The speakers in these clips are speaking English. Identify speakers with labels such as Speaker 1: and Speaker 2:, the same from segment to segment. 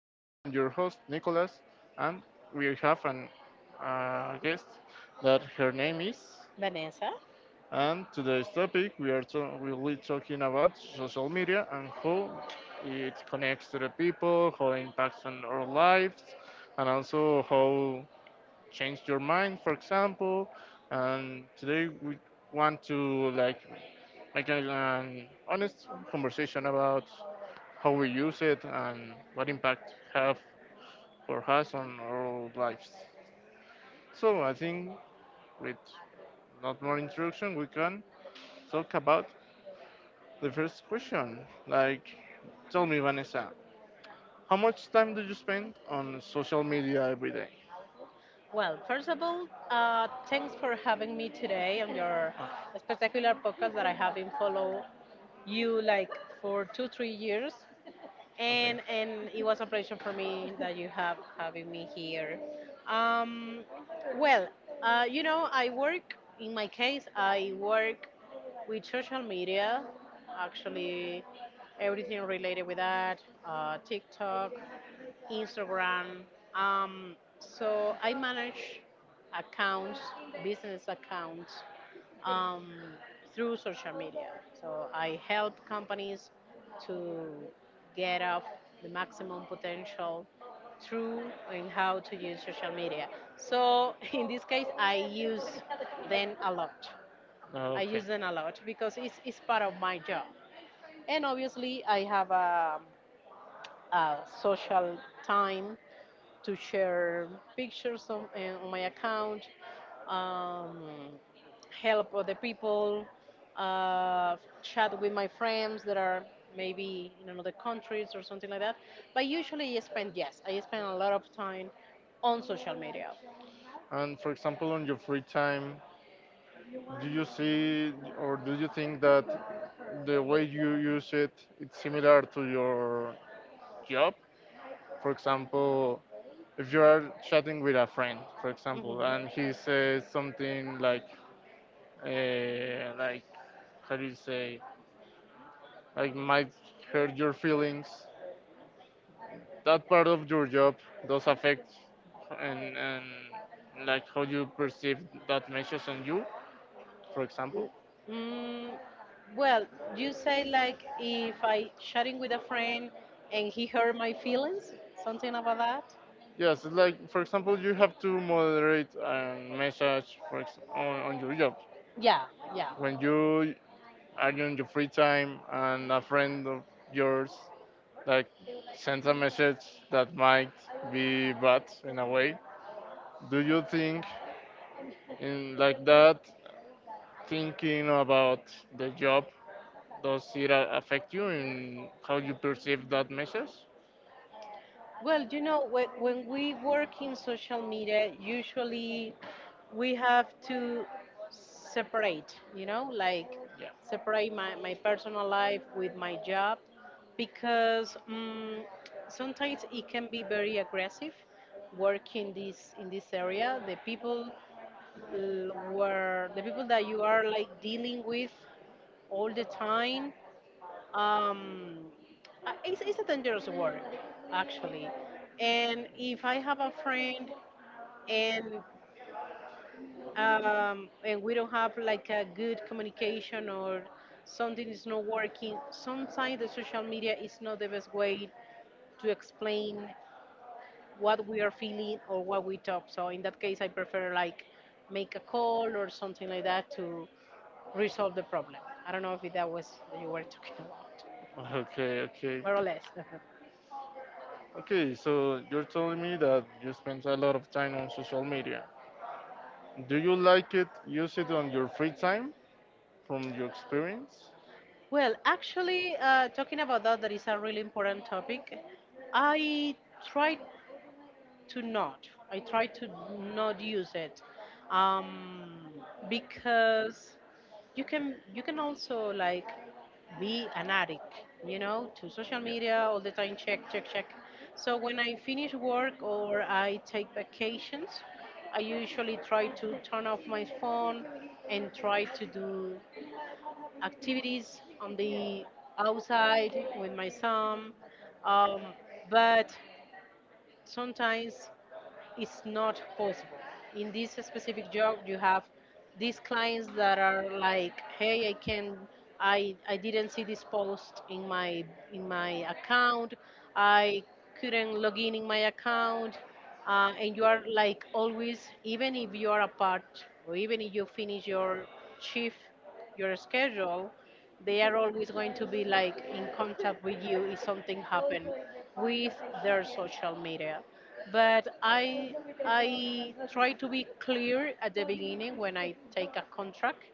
Speaker 1: Today I'm your host, Nicholas, and we have an guest that her name is.
Speaker 2: Vanessa.
Speaker 1: And today's topic we'll be talking about social media and how it connects to the people, how it impacts on our lives, and also how change your mind, for example. And today we want to like make an honest conversation about how we use it, and what impact have or has on our lives. So I think with not more introduction, we can talk about the first question. Like, tell me, Vanessa, how much time do you spend on social media every day?
Speaker 2: Well, first of all, thanks for having me today on your
Speaker 1: Ah,
Speaker 2: spectacular podcast that I have been follow you like for 2 3 years,
Speaker 1: okay.
Speaker 2: and it was a pleasure for me that you have having me here. Um, well, you know, I work, in my case I work with social media, actually everything related with that, TikTok. Instagram. So I manage accounts, business accounts, um, through social media. So I help companies to get off the maximum potential through and how to use social media. So in this case, I use them a lot. I
Speaker 1: Okay.
Speaker 2: use them a lot because it's part of my job. And obviously, I have a social time to share pictures on, on my account, um, help other people, uh, chat with my friends that are maybe in another countries or something like that. But usually I spend, yes, I spend a lot of time on social media.
Speaker 1: And for example, on your free time, do you see or do you think that the way you use it it's similar to your job for example if you are chatting with a friend for example
Speaker 2: Mhm.
Speaker 1: and he says something like how do you say like might hurt your feelings that part of your job does affect and like how you perceive that message on you for example.
Speaker 2: Mm, well, you say like if I chatting with a friend and he hurt my feelings, something about that?
Speaker 1: Yes, it's like for example, you have to moderate a message on your job
Speaker 2: Yeah, yeah.
Speaker 1: when you are in your free time and a friend of yours like sends a message that might be bad in a way. Do you think in like that thinking about the job does it affect you in how you perceive that message?
Speaker 2: Well, you know, when we work in social media, usually we have to separate, you know, like
Speaker 1: Yeah.
Speaker 2: separate my personal life with my job, because sometimes it can be very aggressive working this in this area. The people were the people that you are like dealing with all the time, um, it's a dangerous work, actually. And if I have a friend, and we don't have like a good communication or something is not working, sometimes the social media is not the best way to explain what we are feeling or what we talk. So in that case I prefer like make a call or something like that to resolve the problem. I don't know if that was what you were talking about,
Speaker 1: Okay, okay.
Speaker 2: more or less.
Speaker 1: Okay, so you're telling me that you spend a lot of time on social media. Do you like it? Use it on your free time from your experience?
Speaker 2: Well, actually, talking about that, that is a really important topic. I try I try to not use it, um, because you can also like be an addict, you know, to social media all the time. Check, check, check. So when I finish
Speaker 1: Yeah.
Speaker 2: work or I take vacations, I usually try to turn off my phone and try to do activities on the outside with my son, um, but sometimes it's not possible. In this specific job, you have these clients that are like, "Hey, I didn't see this post in my account. I couldn't log in my account." And you are like always, even if you are apart or even if you finish your shift, your schedule, they are always going to be like in contact with you if something happen with their social media. But I try to be clear at the beginning when I take a contract,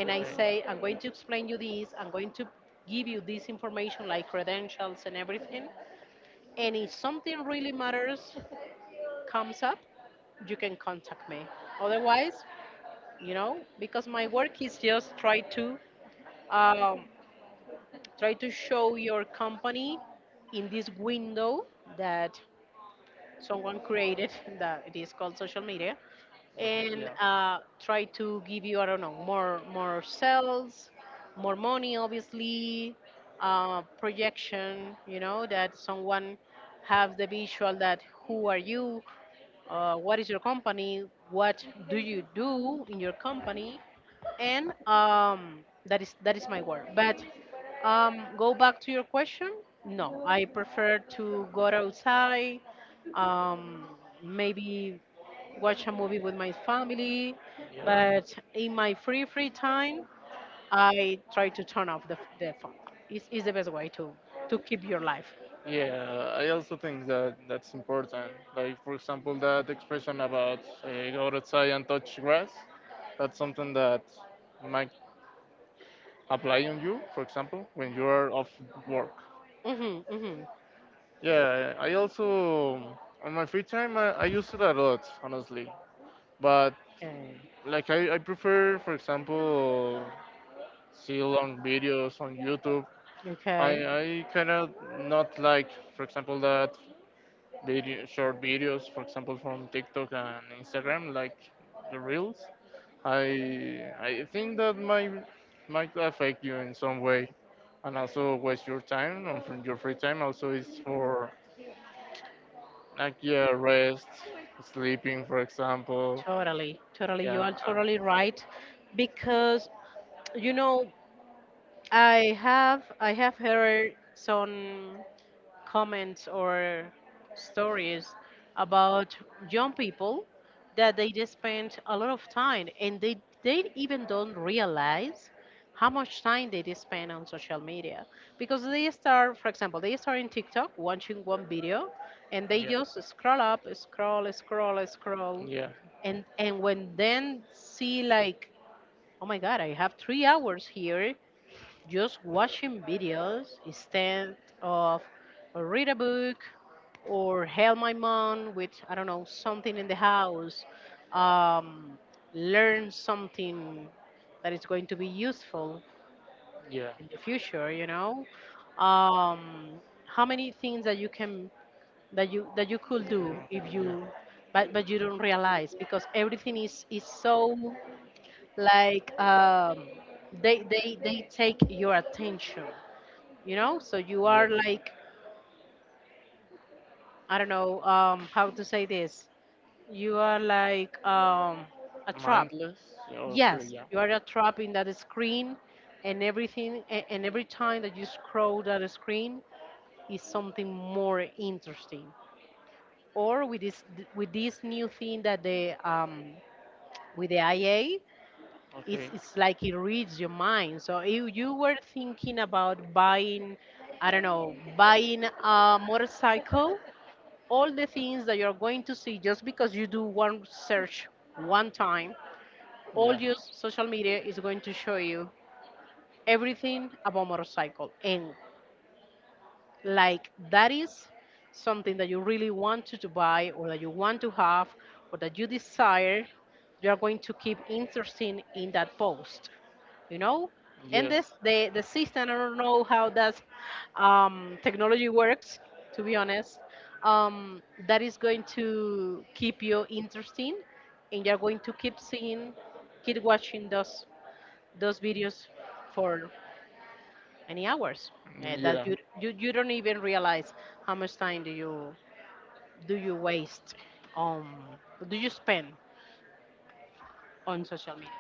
Speaker 2: and I say, I'm going to explain you this, I'm going to give you this information like credentials and everything, and if something really matters comes up, you can contact me. Otherwise, you know, because my work is just um, Try to show your company in this window that someone created that it is called social media. And try to give you, I don't know, more sales, more money, obviously, projection. You know that someone has the visual that who are you, what is your company, what do you do in your company, and that is my work. But go back to your question. No, I prefer to go outside, um, maybe watch a movie with my family.
Speaker 1: Yeah,
Speaker 2: But in my free time, I try to turn off the phone. It's the best way to keep your life.
Speaker 1: yeah. I also think that that's important. Like for example, that expression about go outside and touch grass. That's something that might apply on you. For example, when you are off work.
Speaker 2: Hmm, hmm.
Speaker 1: Yeah, I also on my free time I use it a lot, honestly. But
Speaker 2: Okay.
Speaker 1: like I prefer, for example, see long videos on YouTube. I
Speaker 2: Okay.
Speaker 1: I kind of not like, for example, that video short videos, for example, from TikTok and Instagram, like the reels. I think that might affect you in some way, and also waste your time or from your free time. Also, is for like yeah, rest, sleeping, for example.
Speaker 2: Totally. Totally. You
Speaker 1: Yeah,
Speaker 2: are totally right. Because, you know, I have heard some comments or stories about young people that they just spend a lot of time, and they even don't realize how much time they just spend on social media, because they start, for example, they start in TikTok watching one video and they
Speaker 1: yeah,
Speaker 2: just scroll up, scroll, scroll, scroll.
Speaker 1: yeah,
Speaker 2: And when then see like, oh my god, I have 3 hours here just watching videos instead of read a book, or help my mom with, I don't know, something in the house, um, learn something that is going to be useful
Speaker 1: yeah,
Speaker 2: in the future. You know, um, how many things that you could do if
Speaker 1: mm, yeah.
Speaker 2: you. But you don't realize, because everything is so, like, they take your attention, so you
Speaker 1: Yeah.
Speaker 2: are like, I don't know, how to say this. You are like, a trap.
Speaker 1: Mindless or
Speaker 2: Yes,
Speaker 1: Kriya.
Speaker 2: you are a trap in that screen, and everything and every time that you scroll that screen is something more interesting, or with this, with this new thing that the with the ia. it's,
Speaker 1: Okay.
Speaker 2: it's like it reads your mind, so if you were thinking about buying, I don't know, buying a motorcycle, all the things that you're going to see, just because you do one search, one time, all
Speaker 1: Yeah.
Speaker 2: your social media is going to show you everything about motorcycle. And like that is something that you really want to buy, or that you want to have, or that you desire, you are going to keep interesting in that post, you know. And
Speaker 1: Yes.
Speaker 2: this the system, I don't know how that, technology works, to be honest. Um, that is going to keep you interesting, and you're going to keep seeing, keep watching those videos for many hours,
Speaker 1: Mm,
Speaker 2: that
Speaker 1: yeah.
Speaker 2: you don't even realize how much time do you waste on, do you spend on social media.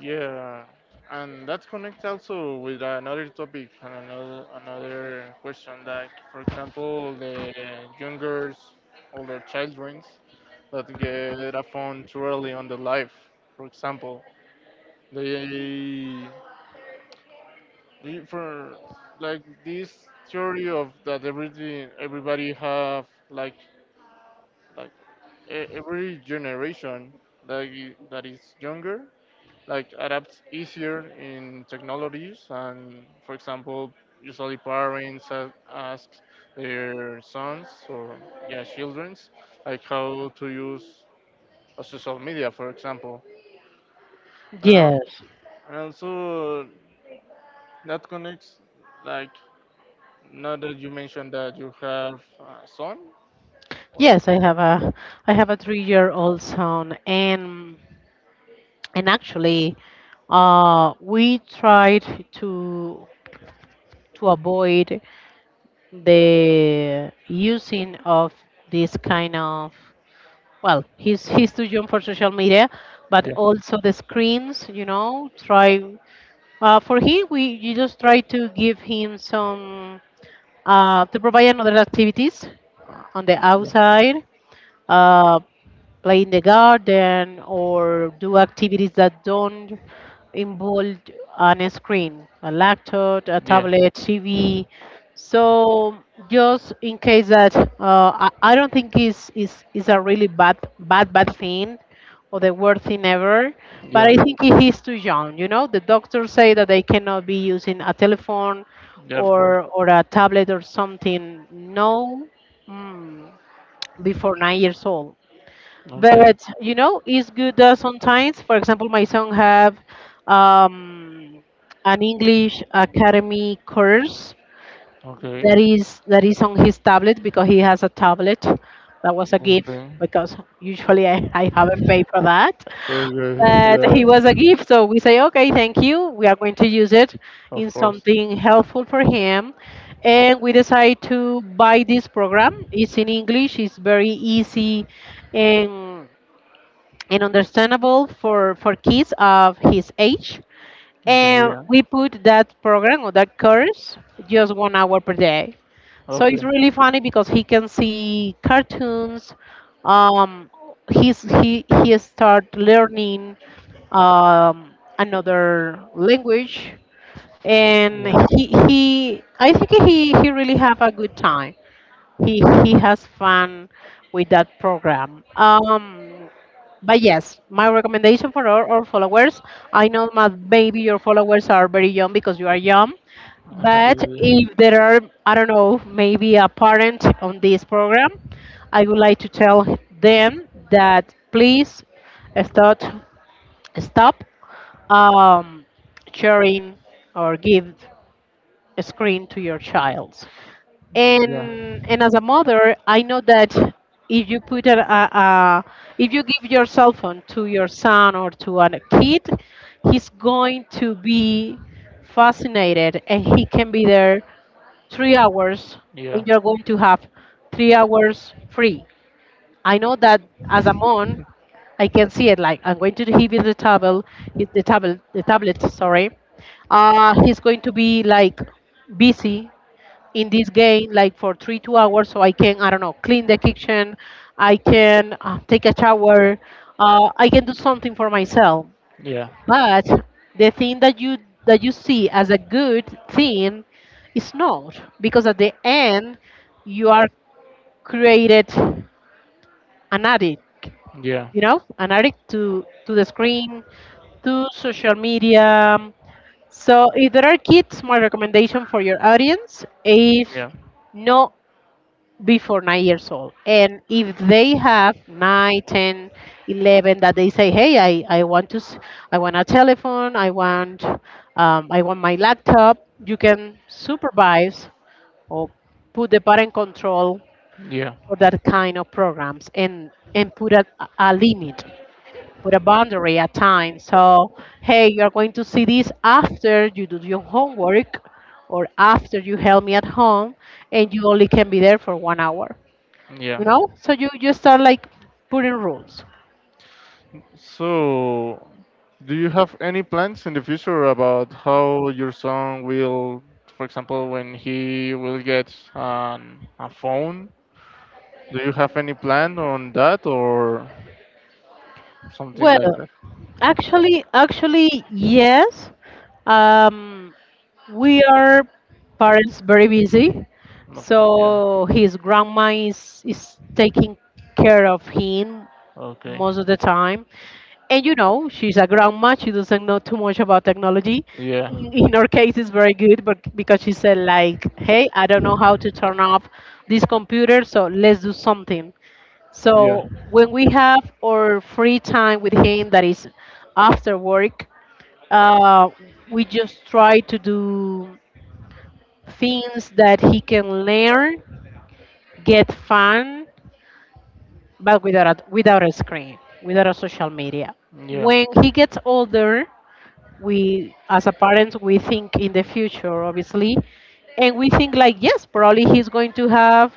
Speaker 1: Yeah, and that connects also with another topic and another question, like for example, the youngers, older childrens that get a phone too early on the life. For example, they, they for like this theory of that everything everybody have like every generation that that is younger like adapt easier in technologies and for example usually parents ask their sons or yeah childrens like how to use a social media for example and
Speaker 2: Yes.
Speaker 1: and also that connects like now that you mentioned that you have a son.
Speaker 2: Yes, I have a 3-year-old son, and actually, we tried to avoid the using of this kind of, well, he's too young for social media, but also the screens, you know, try, for him we you just try to give him some, to provide another activities, on the outside, uh, play in the garden or do activities that don't involve on a screen, a laptop, a
Speaker 1: Yeah.
Speaker 2: tablet, TV. So just in case that, I don't think is a really bad thing or the worst thing ever. But
Speaker 1: Yeah.
Speaker 2: I think he is too young. You know, the doctors say that they cannot be using a telephone
Speaker 1: Yeah, of course.
Speaker 2: or a tablet or something. No. Mm Before 9 years old.
Speaker 1: Okay.
Speaker 2: But, you know, it's good, sometimes. For example, my son have, um, an English Academy course that
Speaker 1: Okay.
Speaker 2: is on his tablet because he has a tablet. That was a gift,
Speaker 1: Okay,
Speaker 2: because usually I haven't paid for that.
Speaker 1: okay,
Speaker 2: But
Speaker 1: yeah,
Speaker 2: he was a gift, so we say, okay, thank you, we are going to use it
Speaker 1: of
Speaker 2: in
Speaker 1: course,
Speaker 2: something helpful for him. And we decide to buy this program. It's in English, it's very easy, and, and understandable for kids of his age.
Speaker 1: okay,
Speaker 2: And we put that program or that course
Speaker 1: yeah.
Speaker 2: just 1 hour per day. So it's
Speaker 1: Okay.
Speaker 2: really funny because he can see cartoons. Um, he start learning, another language, and
Speaker 1: Yeah.
Speaker 2: he, I think, he really have a good time. He has fun with that program. But yes, my recommendation for all followers. I know my maybe your followers are very young, because you are young. But
Speaker 1: Okay.
Speaker 2: if there are, I don't know, maybe a parent on this program, I would like to tell them that, please, start stop, um, sharing or give screen to your child.
Speaker 1: Yeah.
Speaker 2: And as a mother, I know that if you put a, if you give your cell phone to your son or to a kid, he's going to be fascinated and he can be there 3 hours,
Speaker 1: Yeah.
Speaker 2: and you're going to have 3 hours free. I know that. As I'm on, I can see it. Like, I'm going to hit with the table, hit the table, the tablet. Sorry, he's going to be like busy in this game, like for 3 2 hours. So I can, I don't know, clean the kitchen. I can take a shower. I can do something for myself.
Speaker 1: Yeah. Yeah. Yeah.
Speaker 2: But the thing that you see as a good thing is not, because at the end you are created an addict,
Speaker 1: Yeah.
Speaker 2: you know, an addict to the screen, to social media. So if there are kids, my recommendation for your audience is
Speaker 1: Yeah.
Speaker 2: no before 9 years old. And if they have nine, 10, 11, that they say, hey, I want to, I want a telephone, I want my laptop. You can supervise or put the parent control
Speaker 1: Yeah.
Speaker 2: for that kind of programs and put a limit, put a boundary at times. So, hey, you're going to see this after you do your homework or after you help me at home, and you only can be there for 1 hour.
Speaker 1: Yeah.
Speaker 2: You know, so you start like putting rules.
Speaker 1: So, do you have any plans in the future about how your son will, for example, when he will get a phone? Do you have any plan on that, or something
Speaker 2: Well,
Speaker 1: like that?
Speaker 2: actually, yes. Um, we are parents very busy,
Speaker 1: No, yeah.
Speaker 2: so his grandma is taking care of him
Speaker 1: Okay.
Speaker 2: most of the time. And you know, she's a grandma; she doesn't know too much about technology.
Speaker 1: Yeah.
Speaker 2: In her case, it's very good, but because she said like, "Hey, I don't know how to turn off this computer, so let's do something."
Speaker 1: Yeah.
Speaker 2: So when we have our free time with him, that is after work, uh, we just try to do things that he can learn, get fun, but without a screen, without a social media.
Speaker 1: Yeah. Yeah.
Speaker 2: When he gets older, we as a parent we think in the future, obviously, and we think like, yes, probably he's going to have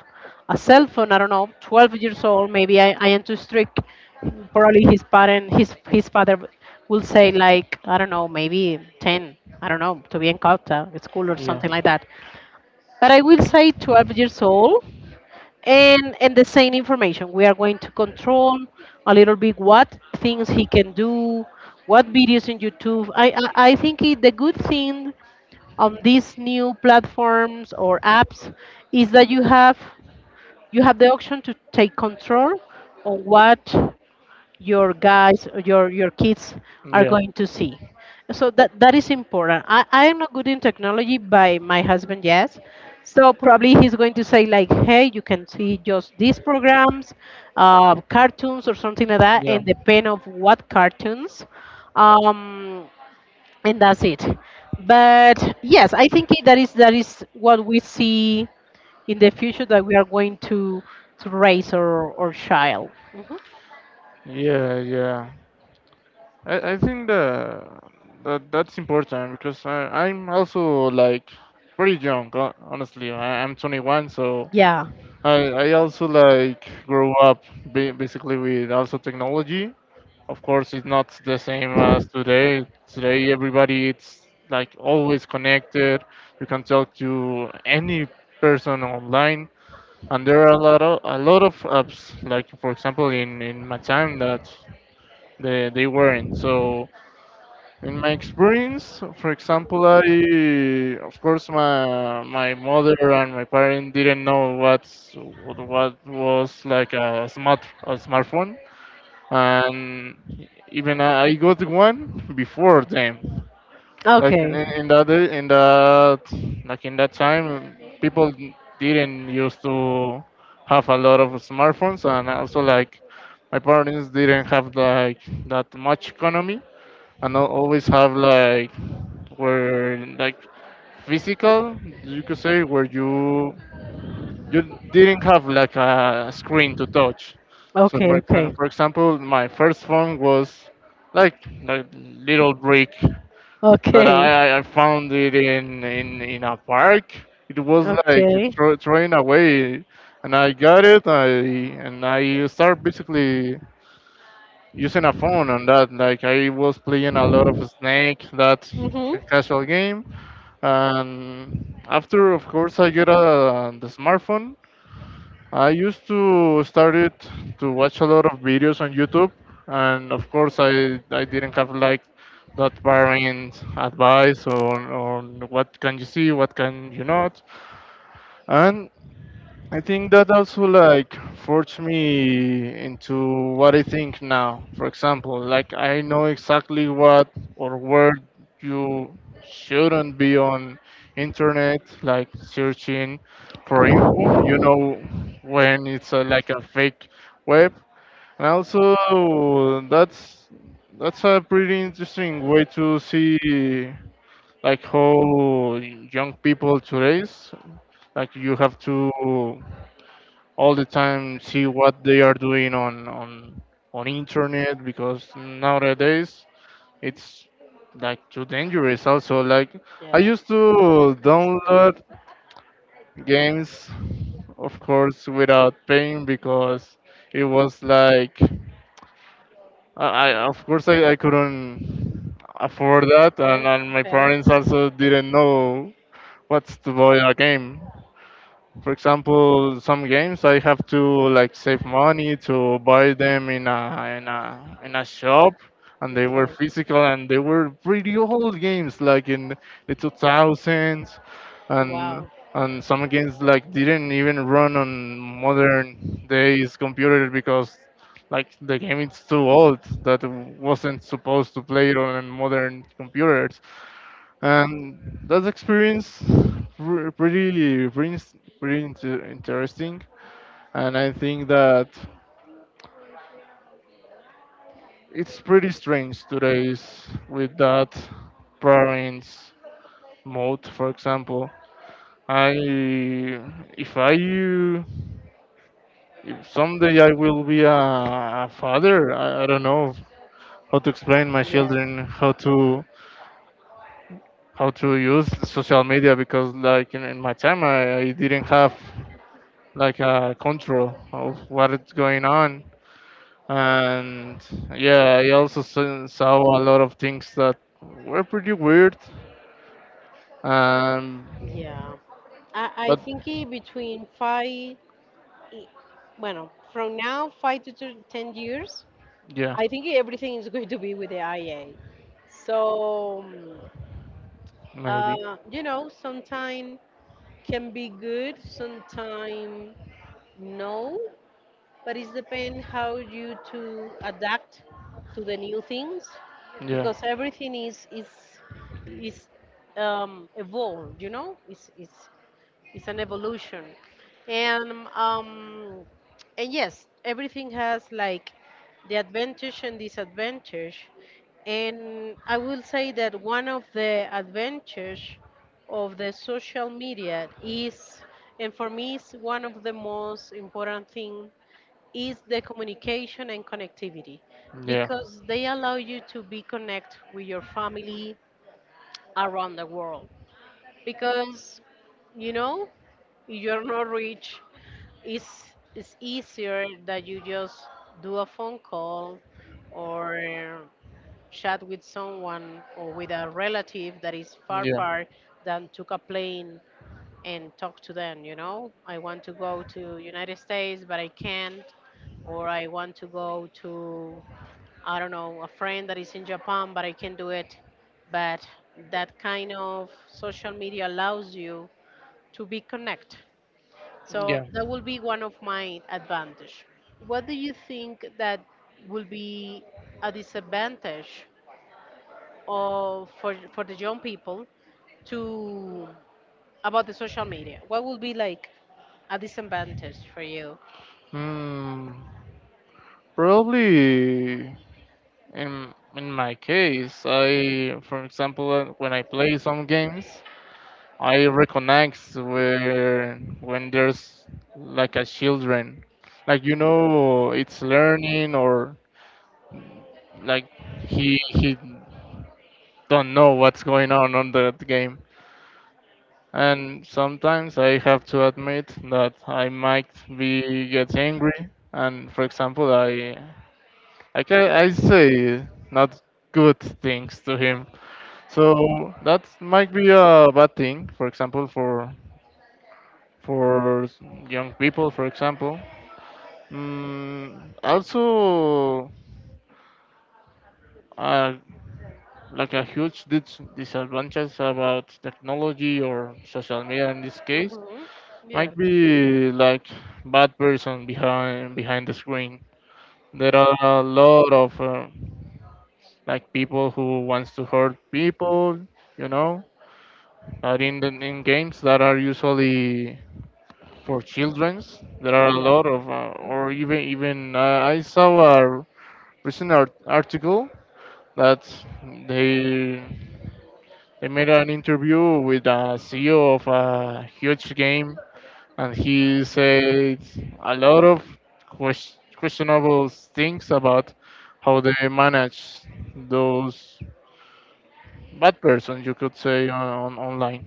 Speaker 2: a cell phone, I don't know, 12 years old, maybe. I am too strict, probably. His parent, his father will say like, I don't know, maybe 10, I don't know, to be in Cauta at school or something like that. But I will say 12 years old. And the same information. We are going to control a little bit what things he can do, what videos in YouTube. I think the good thing on these new platforms or apps is that you have the option to take control on what your guys your kids are
Speaker 1: Yeah.
Speaker 2: going to see. So that is important. I am not good in technology by my husband, yes. So probably he's going to say like, hey, you can see just these programs, cartoons or something like that
Speaker 1: Yeah.
Speaker 2: and depend of what cartoons, um and that's it. But yes, I think that is what we see in the future, that we are going to raise our child. Mhm.
Speaker 1: Yeah. Yeah. I think that, that's important because I'm also like pretty young, honestly. I'm 21, so
Speaker 2: Yeah.
Speaker 1: I also like grew up basically with also technology. Of course, it's not the same as today. Today, everybody it's like always connected. You can talk to any person online, and there are a lot of apps. Like for example, in my time that they weren't so. In my experience, for example, I, of course, my mother and my parents didn't know what was like a smartphone, and even I got one before them. Like
Speaker 2: Okay.
Speaker 1: in that time, people didn't used to have a lot of smartphones, and also like my parents didn't have like that much economy and always have like were like physical you could say where you didn't have like a screen to touch. So
Speaker 2: Okay.
Speaker 1: for, exa-
Speaker 2: Okay.
Speaker 1: for example my first phone was like a little brick that
Speaker 2: Okay.
Speaker 1: I found it in a park. It was like
Speaker 2: Okay.
Speaker 1: throwing away, and I got it I and I started basically using a phone on that. Like I was playing a lot of snake, that
Speaker 2: Mhm.
Speaker 1: casual game, and after of course I get the smartphone I used to start it to watch a lot of videos on YouTube. And of course I didn't have like that parent advice on what can you see what can you not. And I think that also like forged me into what I think now. For example, like I know exactly what or where you shouldn't be on internet, like searching for info. You know when it's like a fake web, and also that's a pretty interesting way to see like how young people today's like you have to all the time see what they are doing on internet because nowadays it's like too dangerous also like I
Speaker 2: Yes,
Speaker 1: used to
Speaker 2: absolutely.
Speaker 1: download games of course without paying because it was like I of course I couldn't afford
Speaker 2: Go
Speaker 1: that,
Speaker 2: for
Speaker 1: and,
Speaker 2: it.
Speaker 1: and my
Speaker 2: Okay.
Speaker 1: parents also didn't know what's to buy a game. For example, some games I have to like save money to buy them in a shop, and they were
Speaker 2: Okay.
Speaker 1: physical and they were pretty old games, like in the 2000s, and
Speaker 2: Wow.
Speaker 1: and some games like didn't even run on modern days computer because like the game is too old that wasn't supposed to play it on modern computers, and that experience re- pretty pretty, pretty interesting. And I think that it's pretty strange today's with that parents mode. For example, I if I if someday I will be a father, I don't know how to explain my
Speaker 2: Yes.
Speaker 1: children how to use social media because like in my time I didn't have like control of what is going on. And yeah, I also saw a lot of things that were pretty weird. Um,
Speaker 2: Yeah. I
Speaker 1: but
Speaker 2: think between five, i- bueno, from now, 5 to 10 years,
Speaker 1: yeah,
Speaker 2: I think everything is going to be with the IA. So,
Speaker 1: maybe.
Speaker 2: you know, sometime can be good, sometime no, but it depends how you to adapt to the new things,
Speaker 1: Yeah.
Speaker 2: because everything is evolved, you know. It's an evolution. And um and yes, everything has like the advantage and disadvantage. And I will say that one of the advantages of the social media is, and for me is one of the most important thing, is the communication and connectivity,
Speaker 1: Yeah.
Speaker 2: because they allow you to be connect with your family around the world. Because, you know, you're not rich, it's it's easier that you just do a phone call or chat with someone or with a relative that is far,
Speaker 1: Yeah.
Speaker 2: far than took a plane and talk to them. You know, I want to go to United States but I can't, or I want to go to, I don't know, a friend that is in Japan, but I can do it. But that kind of social media allows you to be connect, so
Speaker 1: Yeah.
Speaker 2: that will be one of my advantage. What do you think that will be a disadvantage of for the young people to about the social media? What will be like a disadvantage for you?
Speaker 1: Hmm. Probably in my case, I, for example, when I play some games, I reconnect where when there's like a children, like you know, it's learning or like he don't know what's going on the game. And sometimes I have to admit that I might be get angry. And for example, I say not good things to him. So that might be a bad thing. For example, for young people, for example. Also, uh, like a huge disadvantage about technology or social media in this case
Speaker 2: Mm-hmm. Yeah.
Speaker 1: might be like bad person behind the screen. There are a lot of like people who wants to hurt people, you know. But in games that are usually for childrens, there are a
Speaker 2: Yeah.
Speaker 1: lot of, or
Speaker 2: Mhm.
Speaker 1: even I saw a recent article that they they made an interview with a CEO of a huge game, and he said a lot of questionable things about how they manage those bad persons you could say on, online.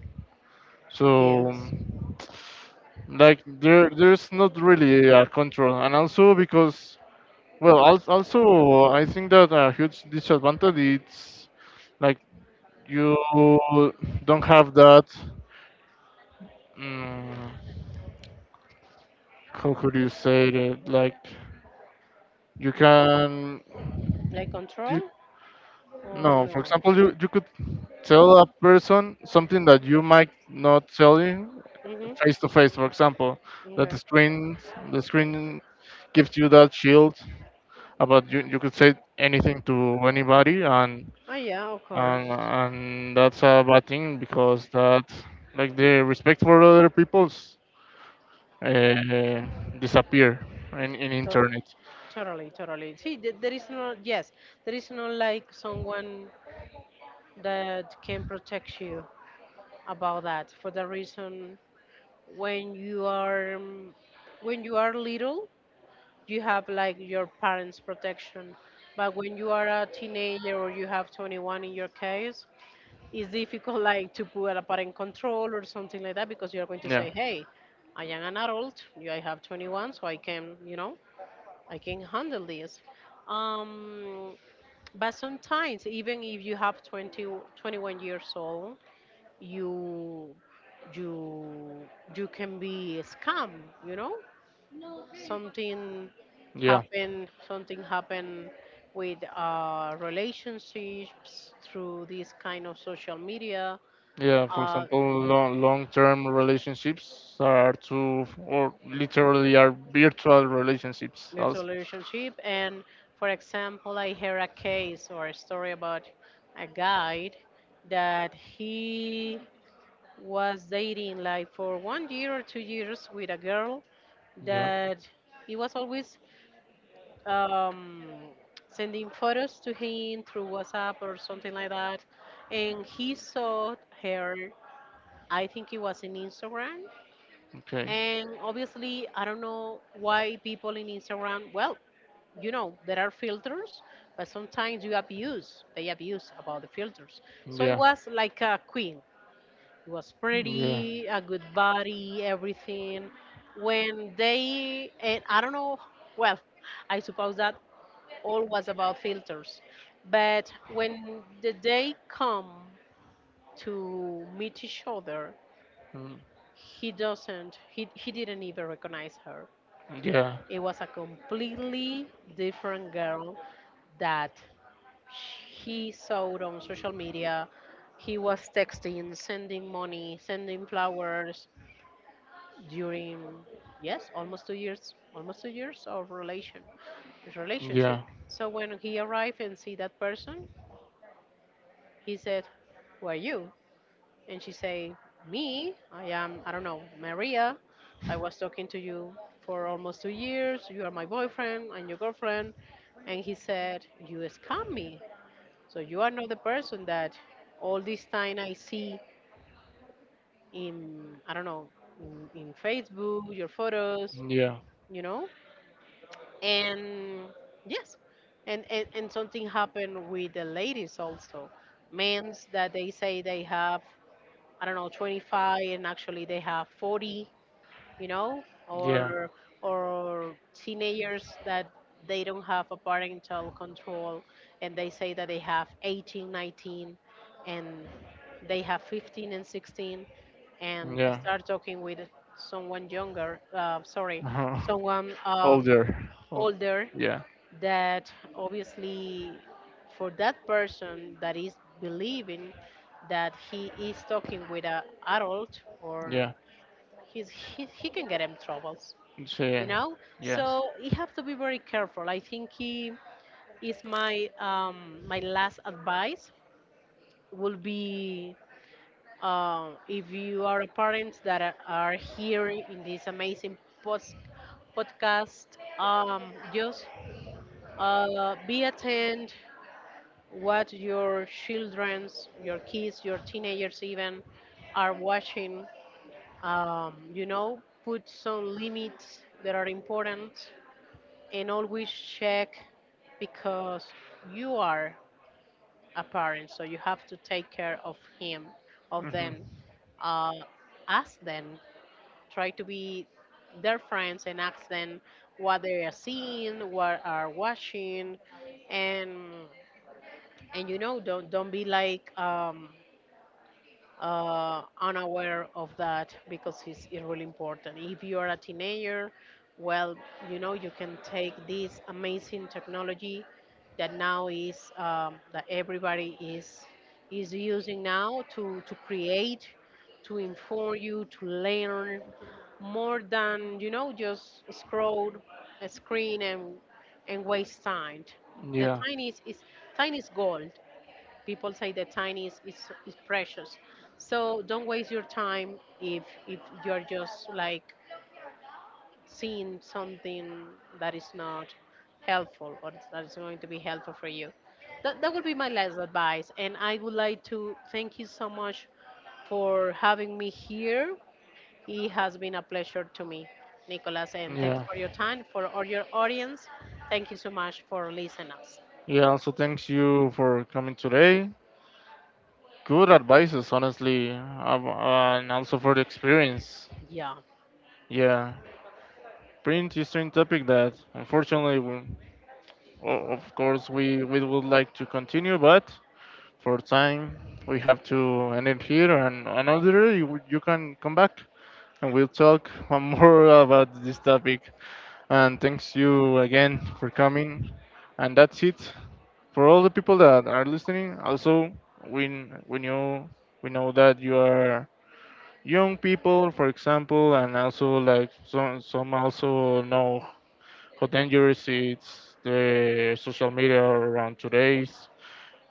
Speaker 1: So
Speaker 2: Yes.
Speaker 1: like there's not really a control, and also because well also I think that a huge disadvantage is like you don't have that mm, how could you say it, like you can
Speaker 2: Like
Speaker 1: you
Speaker 2: control. Oh
Speaker 1: No, for
Speaker 2: no?
Speaker 1: example, you could tell a person something that you might not tell him
Speaker 2: Mm-hmm.
Speaker 1: face to face, for example, that
Speaker 2: Okay.
Speaker 1: the screen gives you that shield about you could say anything to anybody, and
Speaker 2: Oh yeah, of
Speaker 1: and
Speaker 2: course.
Speaker 1: and that's a bad thing because that like the respect for other people's uh, disappear in
Speaker 2: To-
Speaker 1: internet.
Speaker 2: Totally, totally. See, there is no, yes, there is no like someone that can protect you about that for the reason. When you are um, when you are little, you have like your parents protection. But when you are a teenager or you have 21 in your case, it's difficult like to put a parent control or something like that, because you're going to
Speaker 1: Yeah.
Speaker 2: say, hey, I am an adult, you, I have 21, so I can handle this. um but sometimes, even if you have 20 21 years old, you you you can be scammed, you know. something
Speaker 1: Yeah.
Speaker 2: happen something happen with relationships through this kind of social media.
Speaker 1: Yeah, for
Speaker 2: uh,
Speaker 1: example, long-term relationships are to or literally are virtual relationships
Speaker 2: virtual
Speaker 1: also.
Speaker 2: relationship. And for example, I heard a case or a story about a guy that he was dating like for 1 year or 2 years with a girl,
Speaker 1: Yeah.
Speaker 2: that he was always um, sending photos to him through WhatsApp or something like that. And he saw her, I think it was in Instagram.
Speaker 1: Okay.
Speaker 2: And obviously, I don't know why people in Instagram, well, you know, there are filters, but sometimes you abuse, they abuse about the filters. So it
Speaker 1: Yeah.
Speaker 2: was like a queen. It was
Speaker 1: Yeah.
Speaker 2: pretty, a good body, everything. When they, and I don't know, well, I suppose that all was about filters. But when the day come to meet each other,
Speaker 1: Mm.
Speaker 2: he doesn't. He didn't even recognize her.
Speaker 1: Yeah.
Speaker 2: It was a completely different girl that he saw on social media. He was texting, sending money, sending flowers during, yes, almost 2 years, almost 2 years of relationship.
Speaker 1: Yeah.
Speaker 2: So when he arrived and see that person, he said, "Who are you?" And she said, "Me? I am, I don't know, Maria. I was talking to you for almost 2 years. You are my boyfriend and your girlfriend." And he said, "You scam me. So you are not the person that all this time I see in, I don't know, in, Facebook, your photos,
Speaker 1: Yeah.
Speaker 2: you know?" And yes, and something happened with the ladies also. Men that they say they have, I don't know, 25, and actually they have 40, you know.
Speaker 1: Yeah.
Speaker 2: Or teenagers that they don't have a parental control and they say that they have 18, 19 and they have 15 and 16 and
Speaker 1: Yeah.
Speaker 2: start talking with someone younger, sorry,
Speaker 1: Huh.
Speaker 2: someone
Speaker 1: Older. Oh,
Speaker 2: older,
Speaker 1: yeah.
Speaker 2: that obviously for that person that is believing that he is talking with an adult, or
Speaker 1: Yeah.
Speaker 2: he can get him troubles,
Speaker 1: Sí,
Speaker 2: you know.
Speaker 1: you yes.
Speaker 2: So you have to be very careful. I think he is my last advice would be, if you are parents that are here in this amazing post podcast, just, be attentive what your children's, your kids, your teenagers even are watching. You know, put some limits that are important and always check, because you are a parent, so you have to take care of him, of
Speaker 1: Hmm.
Speaker 2: them. Uh, ask them, try to be their friends and ask them what they are seeing, what are watching, and you know, don't be like unaware of that, because it's, really important. If you are a teenager, well, you know, you can take this amazing technology that now is, that everybody is using now to, create, to inform you, to learn more than, you know, just scroll a screen and waste time. The
Speaker 1: Yeah.
Speaker 2: time is, time is gold. People say that time is precious. So don't waste your time if, you're just like seeing something that is not helpful, or that is going to be helpful for you. That would be my last advice. And I would like to thank you so much for having me here. It has been a pleasure to me, Nicolas, and thanks
Speaker 1: Yeah,
Speaker 2: for your time. For all your audience, thank you so much for listening us.
Speaker 1: Yeah, also thanks you for coming today. Good advices, honestly, and also for the experience.
Speaker 2: Yeah,
Speaker 1: Yeah, pretty interesting topic that unfortunately we Of course, we would like to continue, but for time, we have to end it here. And another, you can come back, and we'll talk one more about this topic. And thanks you again for coming. And that's it for all the people that are listening. Also, we we know we know that you are young people, for example, and also like some also know how dangerous it's the social media around today's,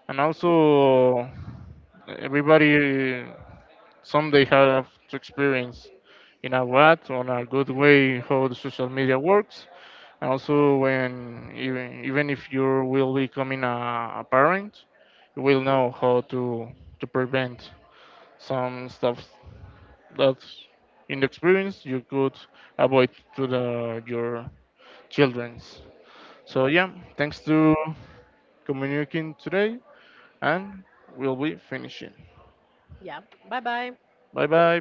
Speaker 1: and also everybody someday have to experience in a what on a good way how the social media works, and also when even if you will becoming a parent, you will know how to prevent some stuff that in the experience you could avoid to the your children's. So yeah, thanks to communicating today, and we'll be finishing.
Speaker 2: yeah. Bye bye.
Speaker 1: Bye bye.